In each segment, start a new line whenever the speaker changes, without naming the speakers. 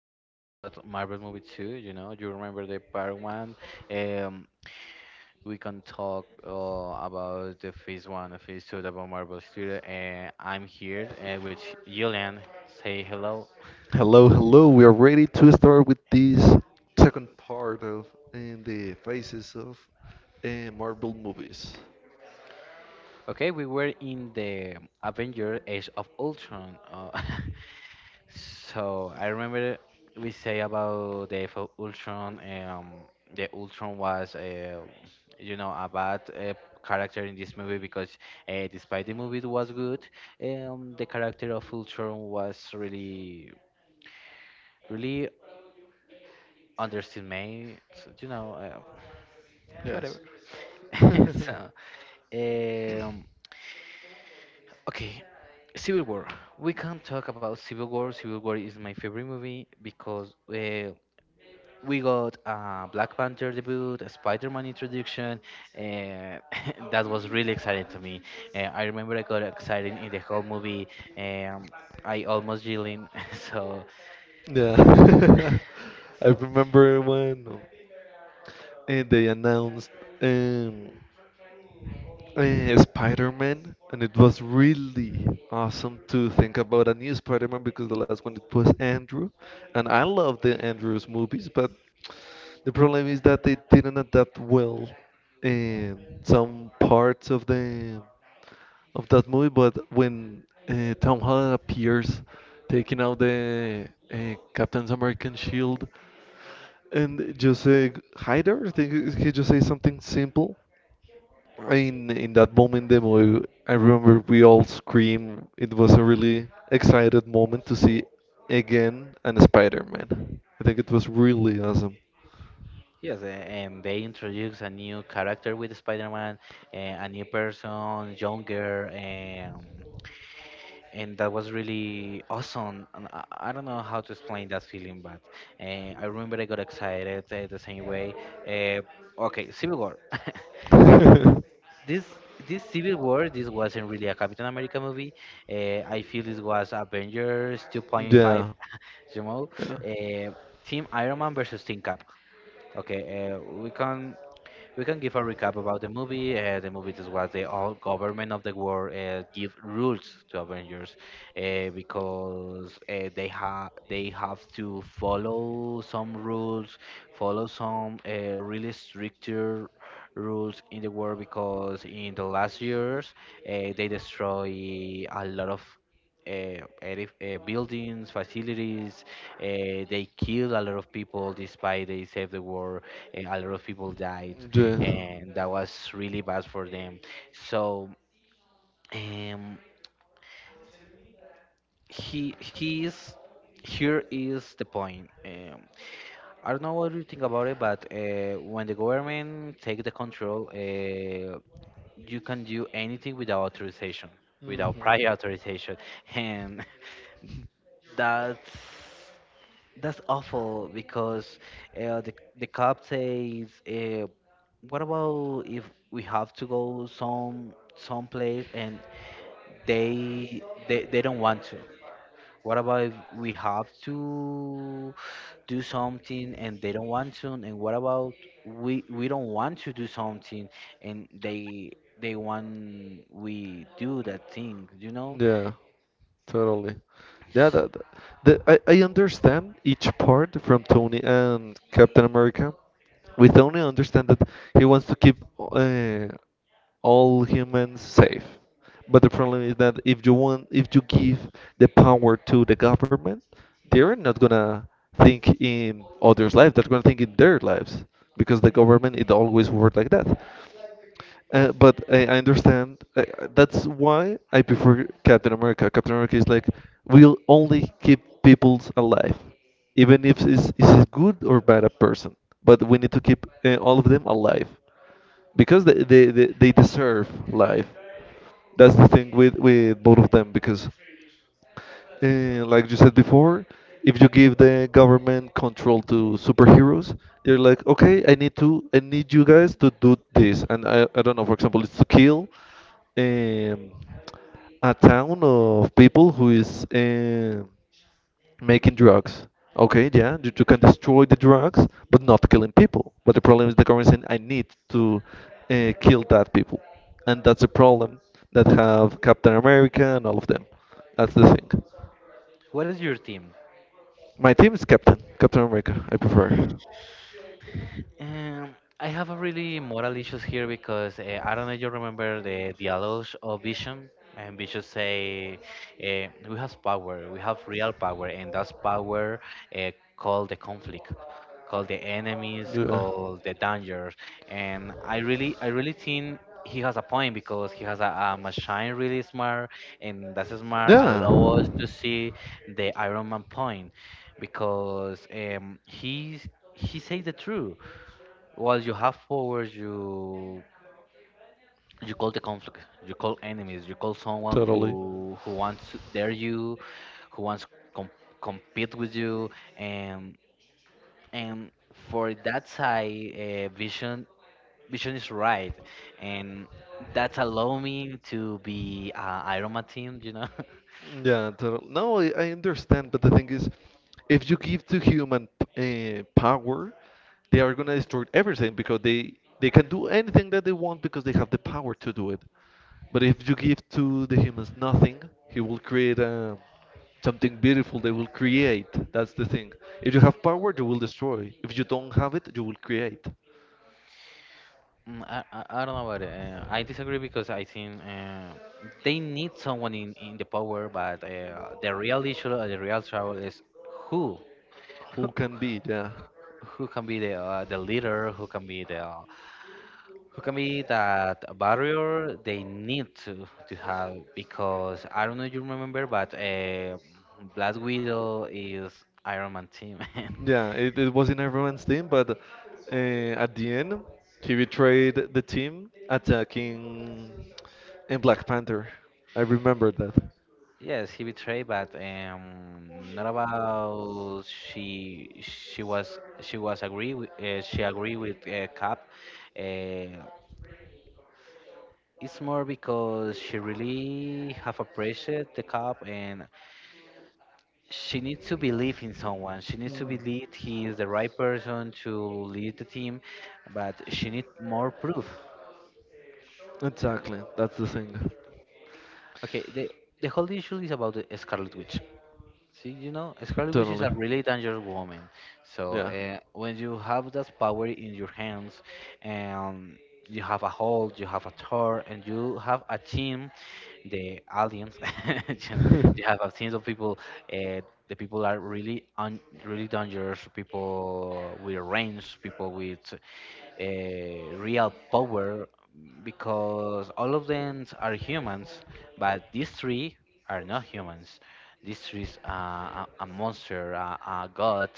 to talk about Marvel movie 2, you know. You remember the part 1? Um we can talk about the phase 1 and phase 2 about Marvel Studio, and I'm here with Julian. Say hello.
Hello, hello. We are ready to start with this second part of in the faces of Marvel movies.
Okay, we were in the Avenger Age of Ultron. So I remember we say about the Age of Ultron. The Ultron was, you know, a bad character in this movie because despite the movie was good, the character of Ultron was really underestimated. You know,
Yes.
whatever.
yeah.
So, um, okay, Civil War. We can't talk about Civil War. Civil War is my favorite movie because we got a Black Panther debut, a Spider-Man introduction. Uh, that was really exciting to me. I remember I got excited in the whole movie. Um, I almost yelling. so,
I
so,
remember when eh, they announced. Um, Spider-Man, and it was really awesome to think about a new Spider-Man because the last one it was Andrew, and I love the Andrew's movies, but the problem is that they didn't adapt well in some parts of the of that movie. But when Tom Holland appears, taking out the Captain American shield, and just say hi there, I think he just says something simple in that moment, the movie, I remember we all screamed. It was a really excited moment to see again and Spider-Man. I think it was really awesome.
yes, and they introduce a new character with Spider-Man, a new person, younger. And that was really awesome. And I don't know how to explain that feeling, but I remember I got excited the same way. Uh, okay, Civil War. okay, this this Civil War, this wasn't really a Captain America movie. I feel this was Avengers 2.5.
Yeah,
You know,
yeah,
uh, Team Iron Man versus Team Cap. Okay, we can give a recap about the movie. The movie this was the all government of the world give rules to Avengers because they have to follow some rules, follow some really stricter rules in the world because in the last years they destroy a lot of buildings, facilities. They killed a lot of people despite they saved the world. A lot of people died,
yeah,
and that was really bad for them. So um, he he's here is the point. I don't know what you think about it, but when the government take the control, you can do anything without authorization,
hmm
without prior authorization, and that's that's awful because the cop says, "What about if we have to go some place and they don't want to?" What about if we have to do something and they don't want to? And what about we don't want to do something and they want we do that thing, you know?
yeah. Totally. Yeah, the, I understand each part from Tony and Captain America. With Tony, I understand that he wants to keep all humans safe. But the problem is that if you give the power to the government, they're not gonna think in others' lives. They're gonna think in their lives because the government it always worked like that. But I understand. That's why I prefer Captain America. Captain America is like, we'll only keep people alive, even if it's, it's a good or bad a person. But we need to keep all of them alive because they deserve life. That's the thing with both of them because like you said before, if you give the government control to superheroes, they're like, okay, I need you guys to do this, and I don't know, for example, it's to kill um, a town of people who is making drugs. Okay, yeah, you can destroy the drugs, but not killing people. But the problem is the government saying, I need to kill that people, and that's a problem that have Captain America and all of them. That's the thing.
What is your team?
My team is Captain America. I prefer.
Um, I have a really moral issues here because I don't know if you remember the dialogues of Vision, and Vision say, "We have power. We have real power, and that's power uh, called the conflict, called the enemies,
Yeah.
called the dangers." And I really think he has a point because he has a machine really smart, and that smart
Yeah.
allow us to see the Iron Man point because he says the truth. Well, you have powers. You call the conflict. You call enemies. You call someone
Totally.
who wants to dare you, who wants to compete with you, and and for that side, Vision is right, and that's allow me to be Iron Man team. You know.
Yeah, totally. No, I understand, but the thing is, if you give to human power, they are gonna destroy everything because they can do anything that they want because they have the power to do it. But if you give to the humans nothing, he will create something beautiful. They will create. That's the thing. If you have power, you will destroy. If you don't have it, you will create.
Mm, I don't know about it. I disagree because I think they need someone in the power, but the real issue, the real trouble is who?
Who can be? Yeah.
who can be the leader, who can be the who can be that barrier they need to have because I don't know if you remember, but Black Widow is Iron Man team.
Yeah, it was in everyone's team, but at the end, he betrayed the team attacking in Black Panther. I remember that.
yes, he betrayed, but not about she was agree with, she agree with Cap. Uh, it's more because she really have appreciated the Cap, and she needs to believe in someone. She needs to
Hmm.
believe he is the right person to lead the team, but she needs more proof.
Exactly, that's the thing.
Okay, the whole issue is about the Scarlet Witch. See, you know, Scarlet Witch is a
Totally.
really dangerous woman. So
Yeah.
when you have that power in your hands, and you have a hold, you have a Thor, and you have a team, the aliens, you know, you have a team of people. Uh, the people are really dangerous. People with range, people with real power, because all of them are humans, but these three are not humans. This is a monster, a god,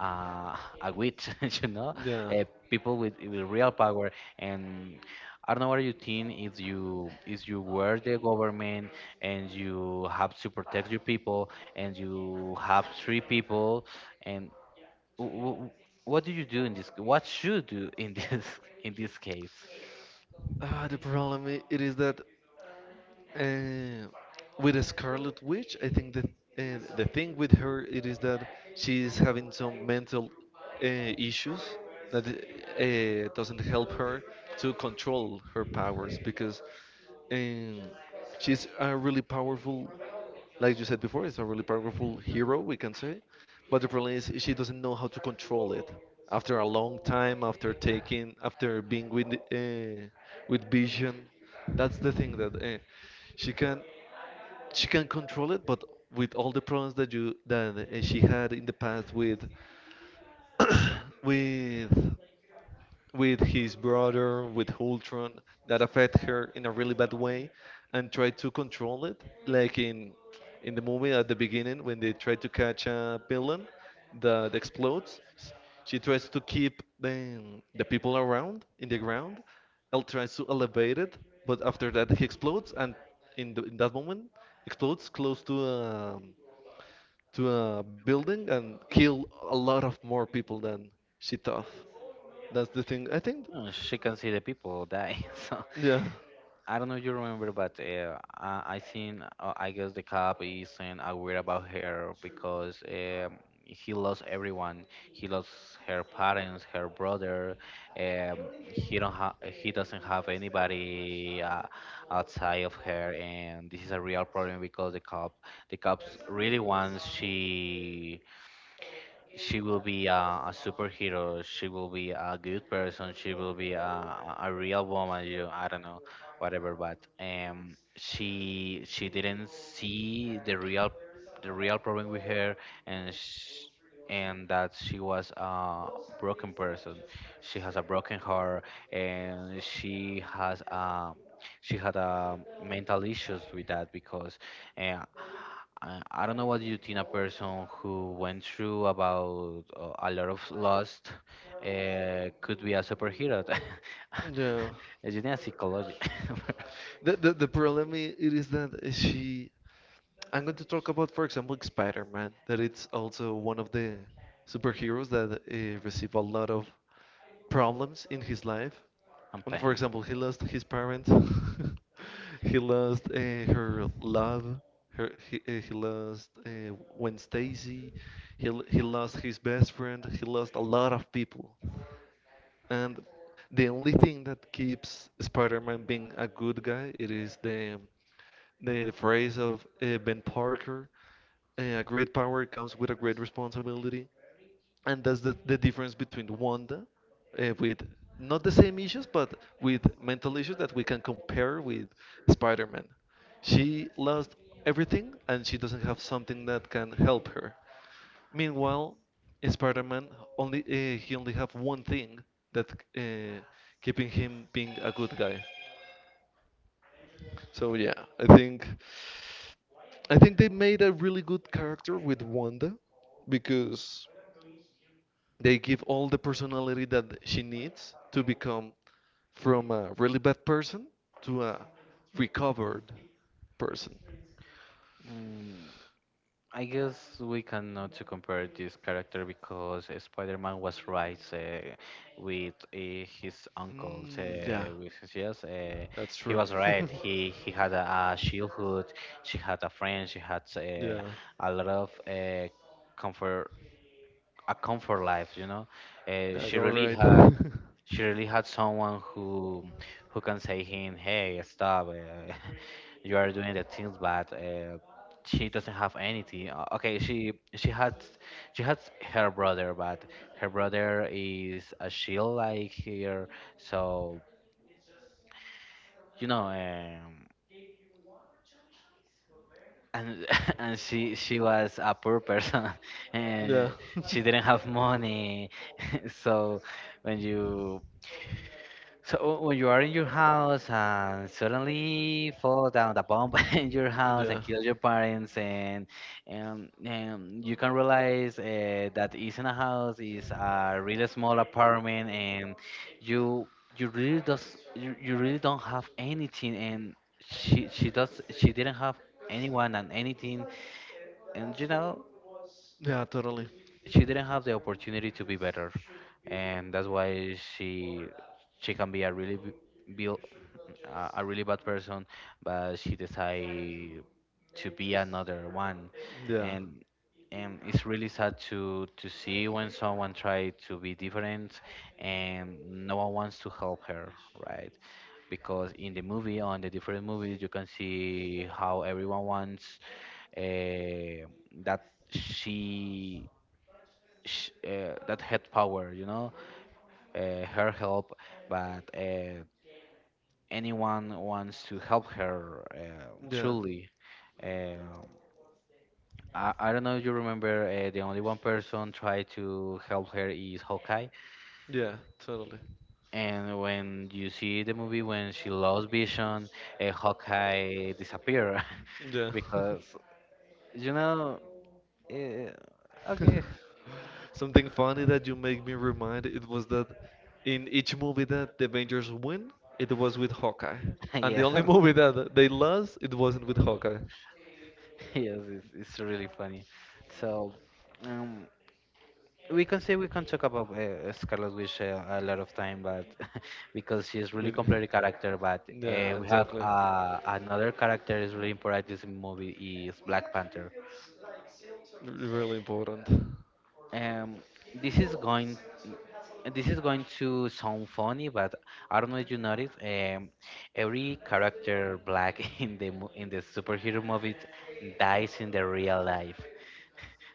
uh, a witch, you know,
yeah.
uh, people with real power. And I don't know what you think if you were the government and you have to protect your people and you have three people and w- w- what do you do in this? What should you do in this in this case?
The problem it is that. Uh, with a Scarlet Witch, I think that the thing with her it is that she is having some mental issues that doesn't help her to control her powers because um, she's a really powerful, like you said before, it's a really powerful hero we can say, but the problem is she doesn't know how to control it. After a long time, after being with Vision, that's the thing that she can she can control it, but with all the problems that you that she had in the past with with with his brother, with Ultron, that affect her in a really bad way, and try to control it. Like in the movie at the beginning, when they try to catch a villain that explodes, she tries to keep the people around in the ground. Elle tries to elevate it, but after that he explodes, and in that moment explodes close to a building and kill a lot of more people than she thought. That's the thing. I think,
Oh, she can see the people die. So,
yeah,
I don't know if you remember, but I think I guess the cop isn't aware about her because he lost everyone. He lost her parents, her brother. Um, he don't ha- he doesn't have anybody outside of her, and this is a real problem because the cops really wants she will be a superhero, she will be a good person, she will be a real woman, you I don't know whatever, but she didn't see the real problem with her and sh and that she was a broken person, she has a broken heart, and she has she had mental issues with that because uh, I don't know what you think a person who went through about a lot of loss could be a superhero.
yeah.
It's just a psychology
The problem it is that she I'm going to talk about, for example, Spider-Man, that it's also one of the superheroes that receive a lot of problems in his life.
and
And
pain.
for example, he lost his parents, he lost her love, her he lost Gwen Stacy, he lost his best friend, he lost a lot of people. And the only thing that keeps Spider-Man being a good guy, it is the, phrase of Ben Parker, a great power comes with a great responsibility. And that's the difference between Wanda with not the same issues, but with mental issues that we can compare with Spider-Man. She lost everything and she doesn't have something that can help her. Meanwhile, Spider-Man only he only have one thing that uh, keeping him being a good guy. So yeah, I think I think they made a really good character with Wanda because they give all the personality that she needs to become from a really bad person to a recovered person.
Mm, I guess we cannot to compare this character because Spider-Man was right with his uncle.
Mm, yeah,
With his, yes,
that's
he
true.
was right. He had a childhood. She had a friend. She had
yeah,
a lot of comfort, a comfort life. You know, uh,
yeah,
she
you're
really
right.
had she really had someone who can say him, "Hey, stop! You are doing the things bad." She doesn't have anything. Okay, she has her brother, but her brother is a shield like here, so you know. And and she was a poor person. Uh,
yeah.
she didn't have money, so when you So when you are in your house and suddenly fall down the bomb in your house and
Yeah.
kill your parents and you can realize that is in a house is a really small apartment, and you you really don't have anything, and she didn't have anyone and anything, and you know
Yeah, totally.
she didn't have the opportunity to be better, and that's why she can be a really b- bil- a really bad person, but she decide to be another one,
Yeah.
and it's really sad to see when someone try to be different, and no one wants to help her, right? Because in the movie, on the different movies, you can see how everyone wants uh, that she that had power, you know, her help, but anyone wants to help her
Yeah.
truly. Uh, I don't know if you remember, the only one person tried to help her is Hawkeye.
Yeah, totally.
And when you see the movie when she lost vision, Hawkeye disappear
Yeah.
because, you know, okay,
Something funny that you make me remind it was that in each movie that the Avengers win, it was with Hawkeye. And the
yes,
only movie that they lost, it wasn't with Hawkeye.
yes, it's really funny. So, um, we can talk about Scarlet Witch a lot of time, but because she's
I
really
mean,
complex character. But
yeah,
we have
exactly.
another character is really important in this movie is Black Panther.
R- really important.
Um, this is going. This is going to sound funny, but I don't know if you noticed. Every character black in the in the superhero movies dies in the real life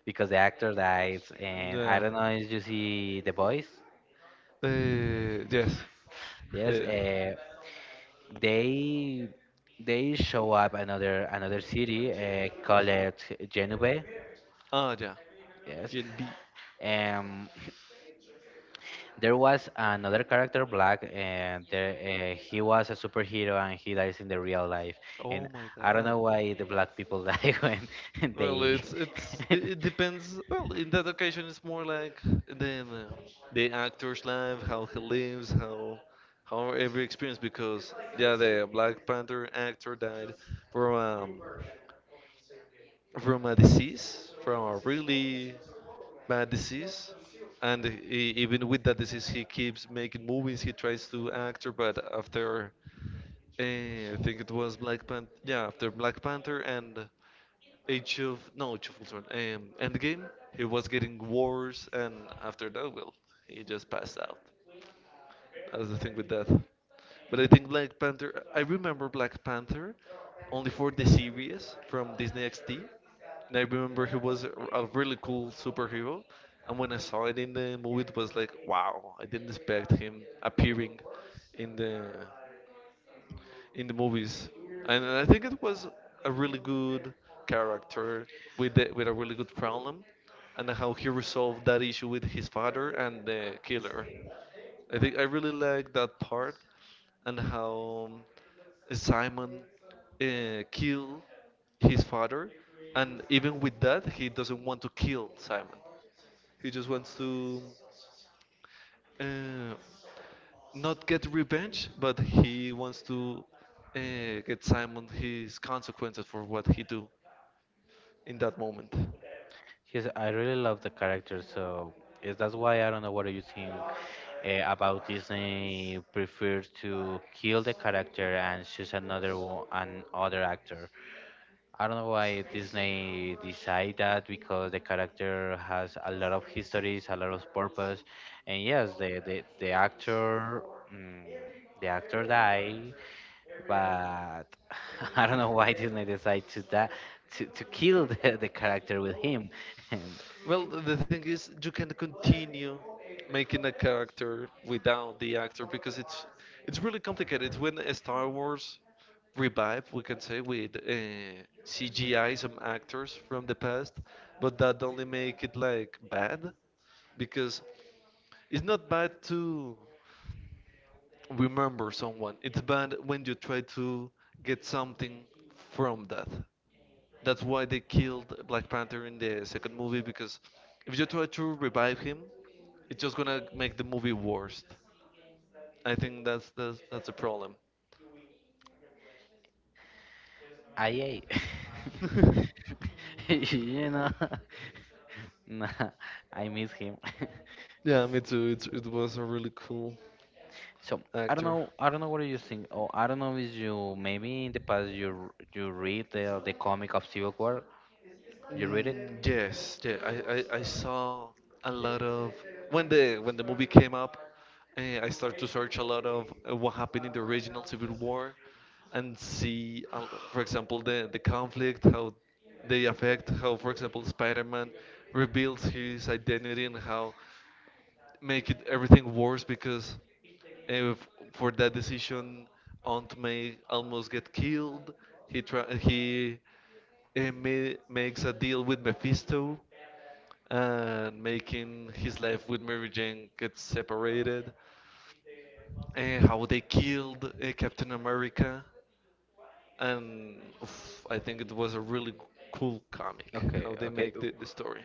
because the actor dies, and
Yeah.
I don't know if you see The Boys.
Uh, yes. Yeah.
Yes,
yeah.
they they show up another city called Genove.
Ah, yeah.
Yes,
Gen B.
um, there was another character Black, and there, he was a superhero, and he dies in the real life.
Oh
And
my
I don't
god.
know why the black people die when
Well,
they.
it depends. Well, in that occasion, it's more like the um, the actor's life, how he lives, how every experience. Because yeah, the Black Panther actor died from um, from a disease, from a really bad disease, and he, even with that disease, he keeps making movies. He tries to act, but after I think it was Black Panther. Yeah, after Black Panther and Age of no, Age of Ultron. Endgame. He was getting worse, and after that, well, he just passed out. That's the thing with that. But I think Black Panther. I remember Black Panther only for the series from Disney XD, and I remember he was a really cool superhero. And when I saw it in the movie, it was like, wow, I didn't expect him appearing in the in the movies, and I think it was a really good character with with a really good problem, and how he resolved that issue with his father and the killer. I think I really like that part and how Simon kill his father, and even with that, he doesn't want to kill Simon. He just wants to uh, not get revenge, but he wants to uh, get Simon his consequences for what he do in that moment.
Because I really love the character, so is that's why I don't know what do you think about Disney prefers to kill the character and choose another one, an other actor. I don't know why Disney decide that because the character has a lot of histories, a lot of purpose, and yes, the actor mm, the actor died, but I don't know why Disney decide to that to kill the character with him. And
Well, the thing is, you can continue making a character without the actor because it's really complicated. It's when a Star Wars revived, we can say, with CGI some actors from the past, but that only make it like bad because it's not bad to remember someone. It's bad when you try to get something from that. That's why they killed Black Panther in the second movie because if you try to revive him, it's just gonna make the movie worse. I think that's a problem.
I ate. you know, nah, I miss him.
yeah, me too. It was a really cool
So I don't
actor.
know. I don't know what do you think. Oh, I don't know. Is you maybe in the past you read the comic of Civil War? You read it?
Mm, yes, yeah. I saw a lot of when the movie came up. I started to search a lot of what happened in the original Civil War and see, for example, the conflict, how they affect, how, for example, Spider-Man reveals his identity and how make it everything worse because if for that decision Aunt May almost get killed. He makes a deal with Mephisto and making his life with Mary Jane get separated. And how they killed Captain America. And oof, I think it was a really cool comic how
Okay,
they
okay.
make the story.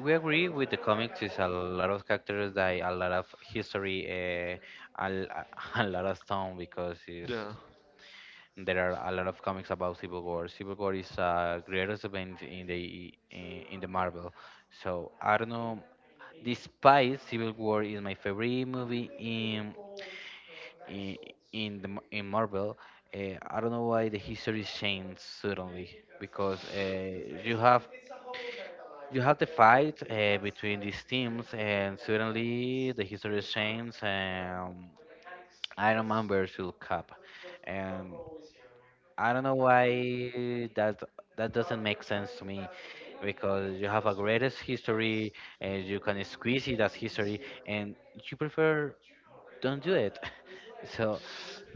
We agree with the comics. Is a lot of characters die, a lot of history, a, l- a lot of stone because is
Yeah.
there are a lot of comics about Civil War. Civil War is a greatest event in the Marvel. So I don't know. Despite Civil War is my favorite movie in. in in the in Marvel. I don't know why the history changed suddenly because you have you have the fight between these teams and suddenly the history changed. Iron Man versus Cap, and I don't know why that that doesn't make sense to me because you have a
All.
greatest history and you can squeeze it as history and you prefer don't do it. So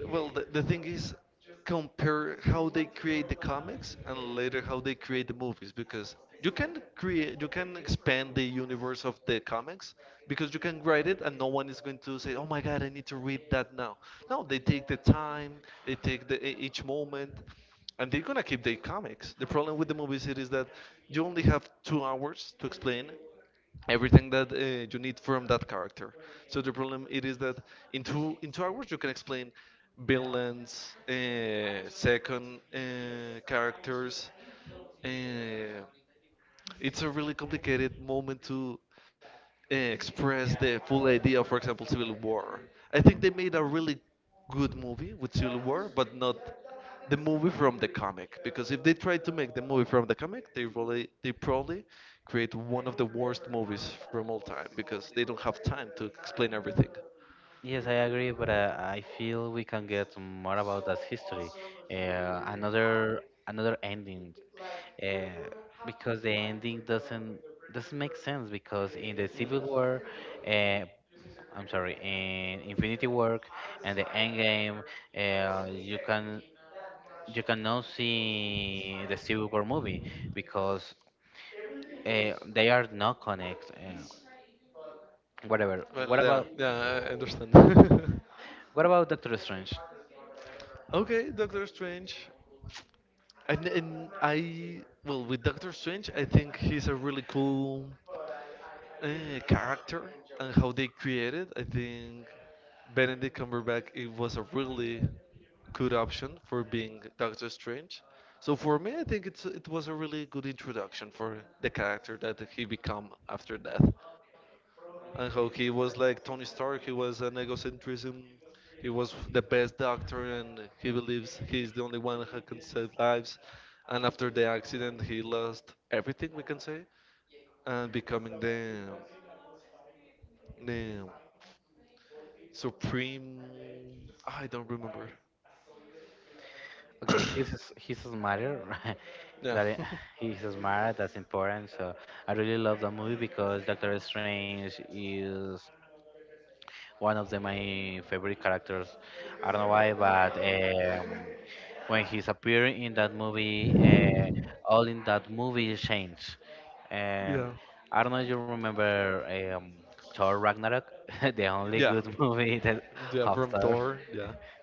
Well, the thing is, compare how they create the comics and later how they create the movies because you can expand the universe of the comics because you can write it and no one is going to say, "Oh my God, I need to read that now." No, they take the time, they take the each moment and they're gonna keep their comics. The problem with the movie series is that you only have 2 hours to explain everything that you need from that character. So the problem it is that in 2 hours you can explain villains, second characters. Uh, it's a really complicated moment to express the full idea of, for example, Civil War. I think they made a really good movie with Civil War, but not the movie from the comic. Because if they tried to make the movie from the comic, they probably create one of the worst movies from all time because they don't have time to explain everything.
yes, I agree, but I feel we can get more about that history. Uh, another another ending, uh, because the ending doesn't make sense. Because in the
Mm.
Civil War, uh, I'm sorry, in Infinity War and the Endgame, uh, you can you cannot see the Civil War movie because they are not connected. Whatever.
Well, yeah, yeah, I understand.
What about Doctor Strange?
Okay, Doctor Strange. With Doctor Strange, I think he's a really cool uh, character and how they created. I think Benedict Cumberbatch it was a really good option for being Doctor Strange. So for me, I think it was a really good introduction for the character that he become after death, and how he was like Tony Stark. He was an egocentrism. He was the best doctor, and he believes he's the only one who can save lives. And after the accident, he lost everything we can say, and becoming the supreme. I don't remember.
Okay, he's smarter.
Yeah,
that i- he's smart. That's important. So I really love that movie because Doctor Strange is one of my favorite characters. I don't know why, but when he's appearing in that movie, all in that movie change. Um,
yeah,
I don't know if you remember um, Thor Ragnarok, the
yeah,
only good movie that
yeah. From
of Thor.
Thor. Yeah,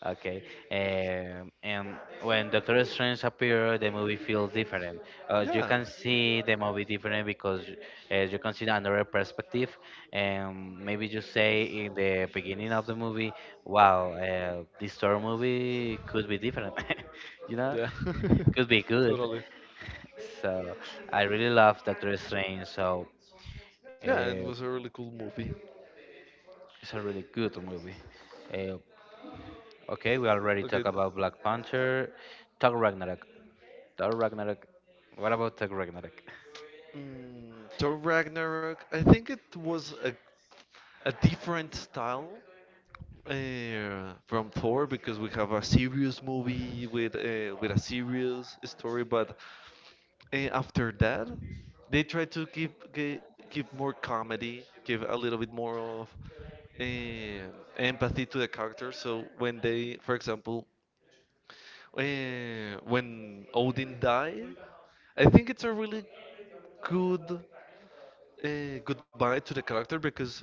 Okay, and when Doctor Strange appeared, the movie feels different. You
yeah.
can see the movie different because you can see another perspective, and maybe you say in the beginning of the movie, "Wow, this Thor movie could be different," you know,
Yeah,
could be good.
totally.
So I really love Doctor Strange. So
Yeah, and it was
uh,
a really cool movie.
it's a really good movie. Uh, okay, we already
Okay.
talked about Black Panther. Thor Ragnarok. Thor Ragnarok. What about Thor Ragnarok?
Mm, Thor Ragnarok. I think it was a different style from Thor because we have a serious movie with a serious story, but after that they try to give more comedy, give a little bit more of uh, empathy to the character. So when they, for example, when Odin died, I think it's a really good goodbye to the character because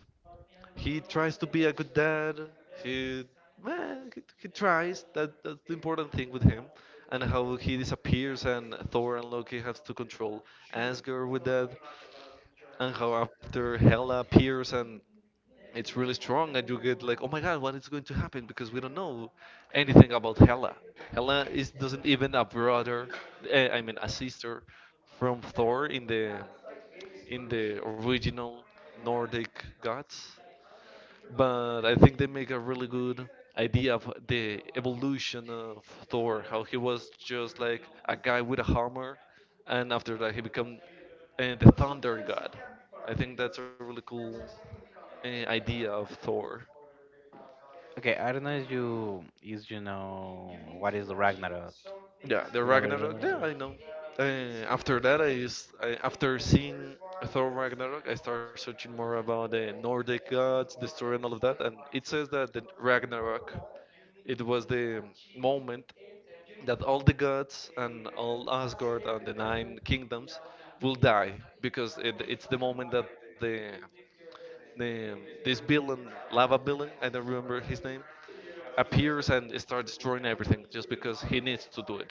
he tries to be a good dad. He, he tries. That's the important thing with him, and how he disappears, and Thor and Loki have to control Asgard with that, and how after Hela appears and it's really strong, and you get like, oh my god, what is going to happen? Because we don't know anything about Hela. Hela is doesn't even a brother, I mean a sister from Thor in the original Nordic gods, but I think they make a really good idea of the evolution of Thor, how he was just like a guy with a hammer, and after that he became the thunder god. I think that's a really cool idea of Thor.
Okay, I don't know if you know what is the Ragnarok.
Yeah, the
You know what is
Ragnarok.
Ragnarok?
Yeah, I know. Uh, After that, after seeing Thor Ragnarok, I start searching more about the Nordic gods, the story, and all of that. And it says that the Ragnarok, it was the moment that all the gods and all Asgard and the nine kingdoms will die because it's the moment that the this villain, lava villain, I don't remember his name, appears and starts destroying everything just because he needs to do it.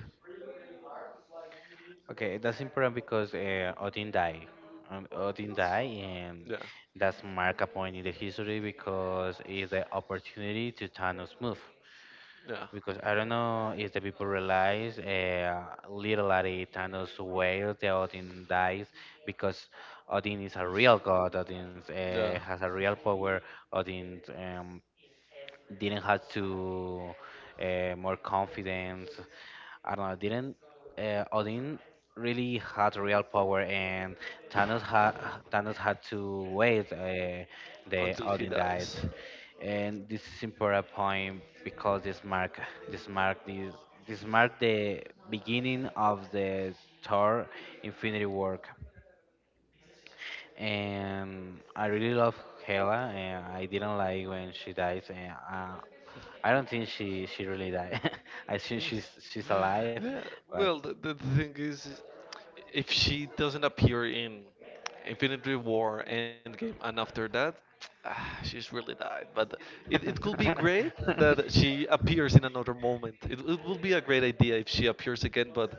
Okay, that's important because Odin died. Odin died, and
Yeah,
that's mark a point in the history because it's the opportunity to Thanos move.
yeah,
Because I don't know if the people realize literally Thanos wears the Odin dies, because Odin is a real god. Odin
yeah.
has a real power. Odin didn't have to more confidence. I don't know. Didn't Odin really had real power, and Thanos had Thanos had to wait. The
Until he
Odin died,
dies.
and this is important point because this mark this this mark the beginning of the Thor Infinity work. And I really love Hela, and I didn't like when she dies. And I don't think she really died. I think she's alive,
Yeah, well,
but
the thing is, if she doesn't appear in Infinity War, Endgame, and after that, ah, she's really died. But it could be great that she appears in another moment. It would be a great idea if she appears again, but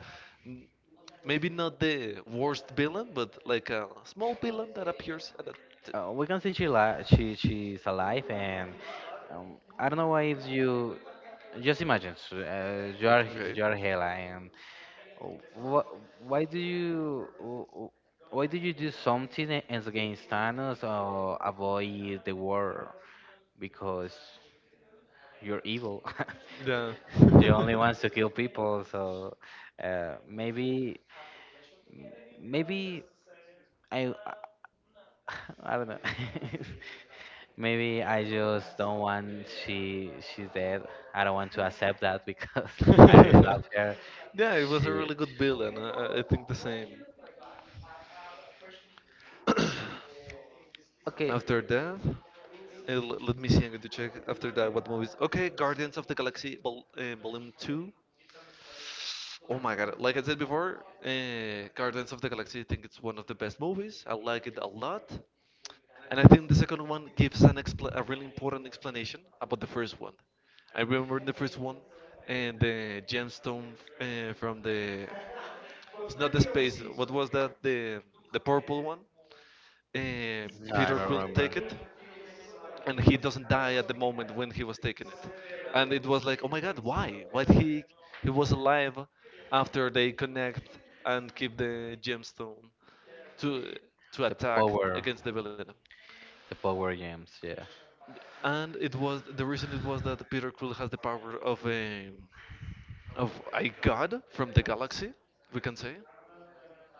maybe not the worst villain, but like a small villain that appears and that's it.
we can see she's alive, and I don't know why if you just imagine so,
Okay.
you are Hela, and wh- why do you why do you do something against Thanos or avoid the war? Because you're evil.
Yeah.
you only wants to kill people. So uh, maybe, maybe I, I don't know. maybe I just don't want she's dead. I don't want to accept that because I really love her.
Yeah, it was a
She
really good villain. I think the same.
okay.
After that, let me see. I'm going to check after that what movies. Okay, Guardians of the Galaxy Vol Volume Two. Oh my god! Like I said before, Guardians of the Galaxy. I think it's one of the best movies. I like it a lot, and I think the second one gives a really important explanation about the first one. I remember in the first one, and the gemstone from the it's not the space. What was that? The purple one.
No,
Peter
I don't
Quill take
remember.
it and he doesn't die at the moment when he was taking it, and it was like oh my god, why he was alive after they connect and keep the gemstone to to
The
attack
power,
against the villain,
the power games, yeah.
and it was the reason, it was that Peter Quill has the power of a god from the galaxy, we can say,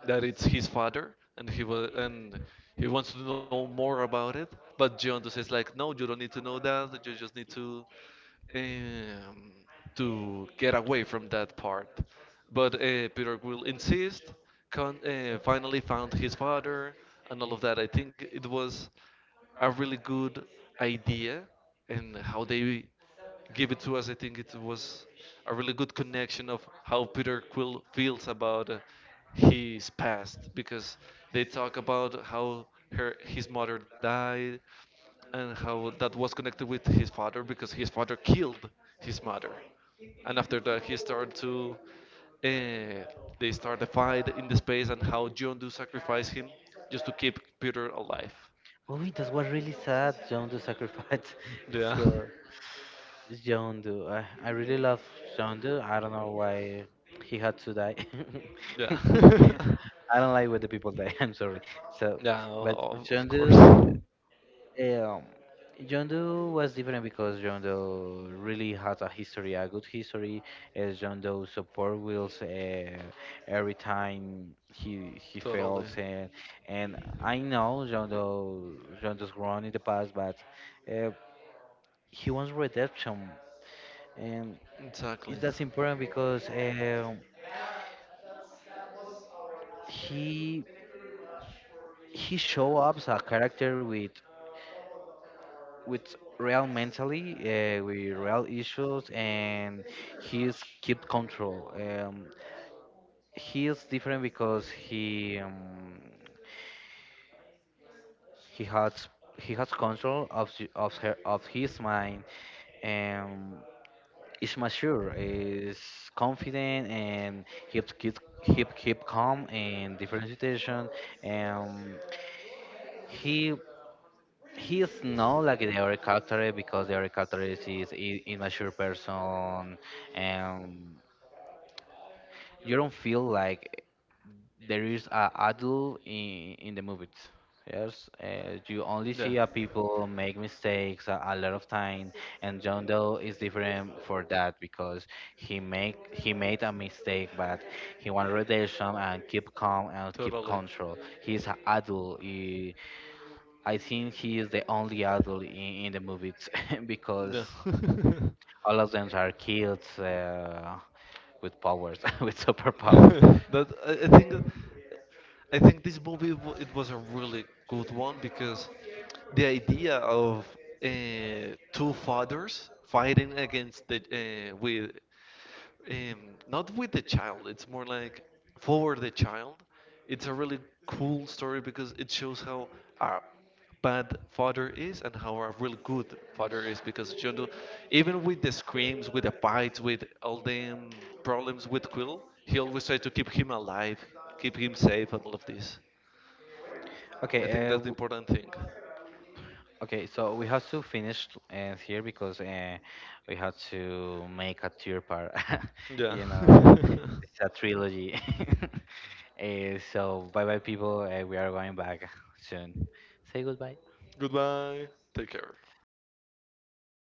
that it's his father and he will, and he wants to know more about it, but Giotto says like no, you don't need to know that, you just need um, to get away from that part, but Peter will insist, con finally found his father, and all of that I think it was a really good idea, and how they give it to us. I think it was a really good connection of how Peter Quill feels about his past because they talk about how her his mother died and how that was connected with his father because his father killed his mother, and after that he started to. Uh, they start a fight in the space, and how John Do sacrifice him just to keep Peter alive.
Oh, that was really sad. John Doe sacrificed.
Yeah,
so John Doe, I really love John Doe. I don't know why he had to die.
yeah.
I don't like when the people die. I'm sorry. So,
Yeah,
but
of
John
course.
Doe. Um, John Doe was different because John Doe really has a history, a good history. As John Doe support Wills every time he
Totally.
fails, and I know John Doe's grown in the past, but uh, he wants redemption, and it's
Exactly.
that's important because he he show up as a character with real mentally with real issues and he's keep control he is different because he has he has control of the- of her of his mind and is mature is confident and keeps keep keep keep calm in different situation and he He is not like the other character because the other character is immature person, and you don't feel like there is a adult in the movies. Yes, you only
Yeah,
see a people make mistakes a lot of time, and John Doe is different for that because he made a mistake, but he want redemption and keep calm and keep
totally.
control. He's an adult. He I think he is the only adult in the movies because
Yeah.
all of them are kids with powers, with superpowers.
But I think I think this it was a really good one because the idea of uh, two fathers fighting against the with um, not with the child. It's more like for the child. It's a really cool story because it shows how a bad father is and how a really good father is. Because Jondo, even with the screams, with the bites, with all the problems with Quill, he always tried to keep him alive, keep him safe, and all of this.
Okay,
I think that's the important thing.
okay. So we have to finish here because we have to make a third part.
Yeah.
you know, it's a trilogy. So bye bye, people. We are going back soon. Say goodbye.
Goodbye. Take care.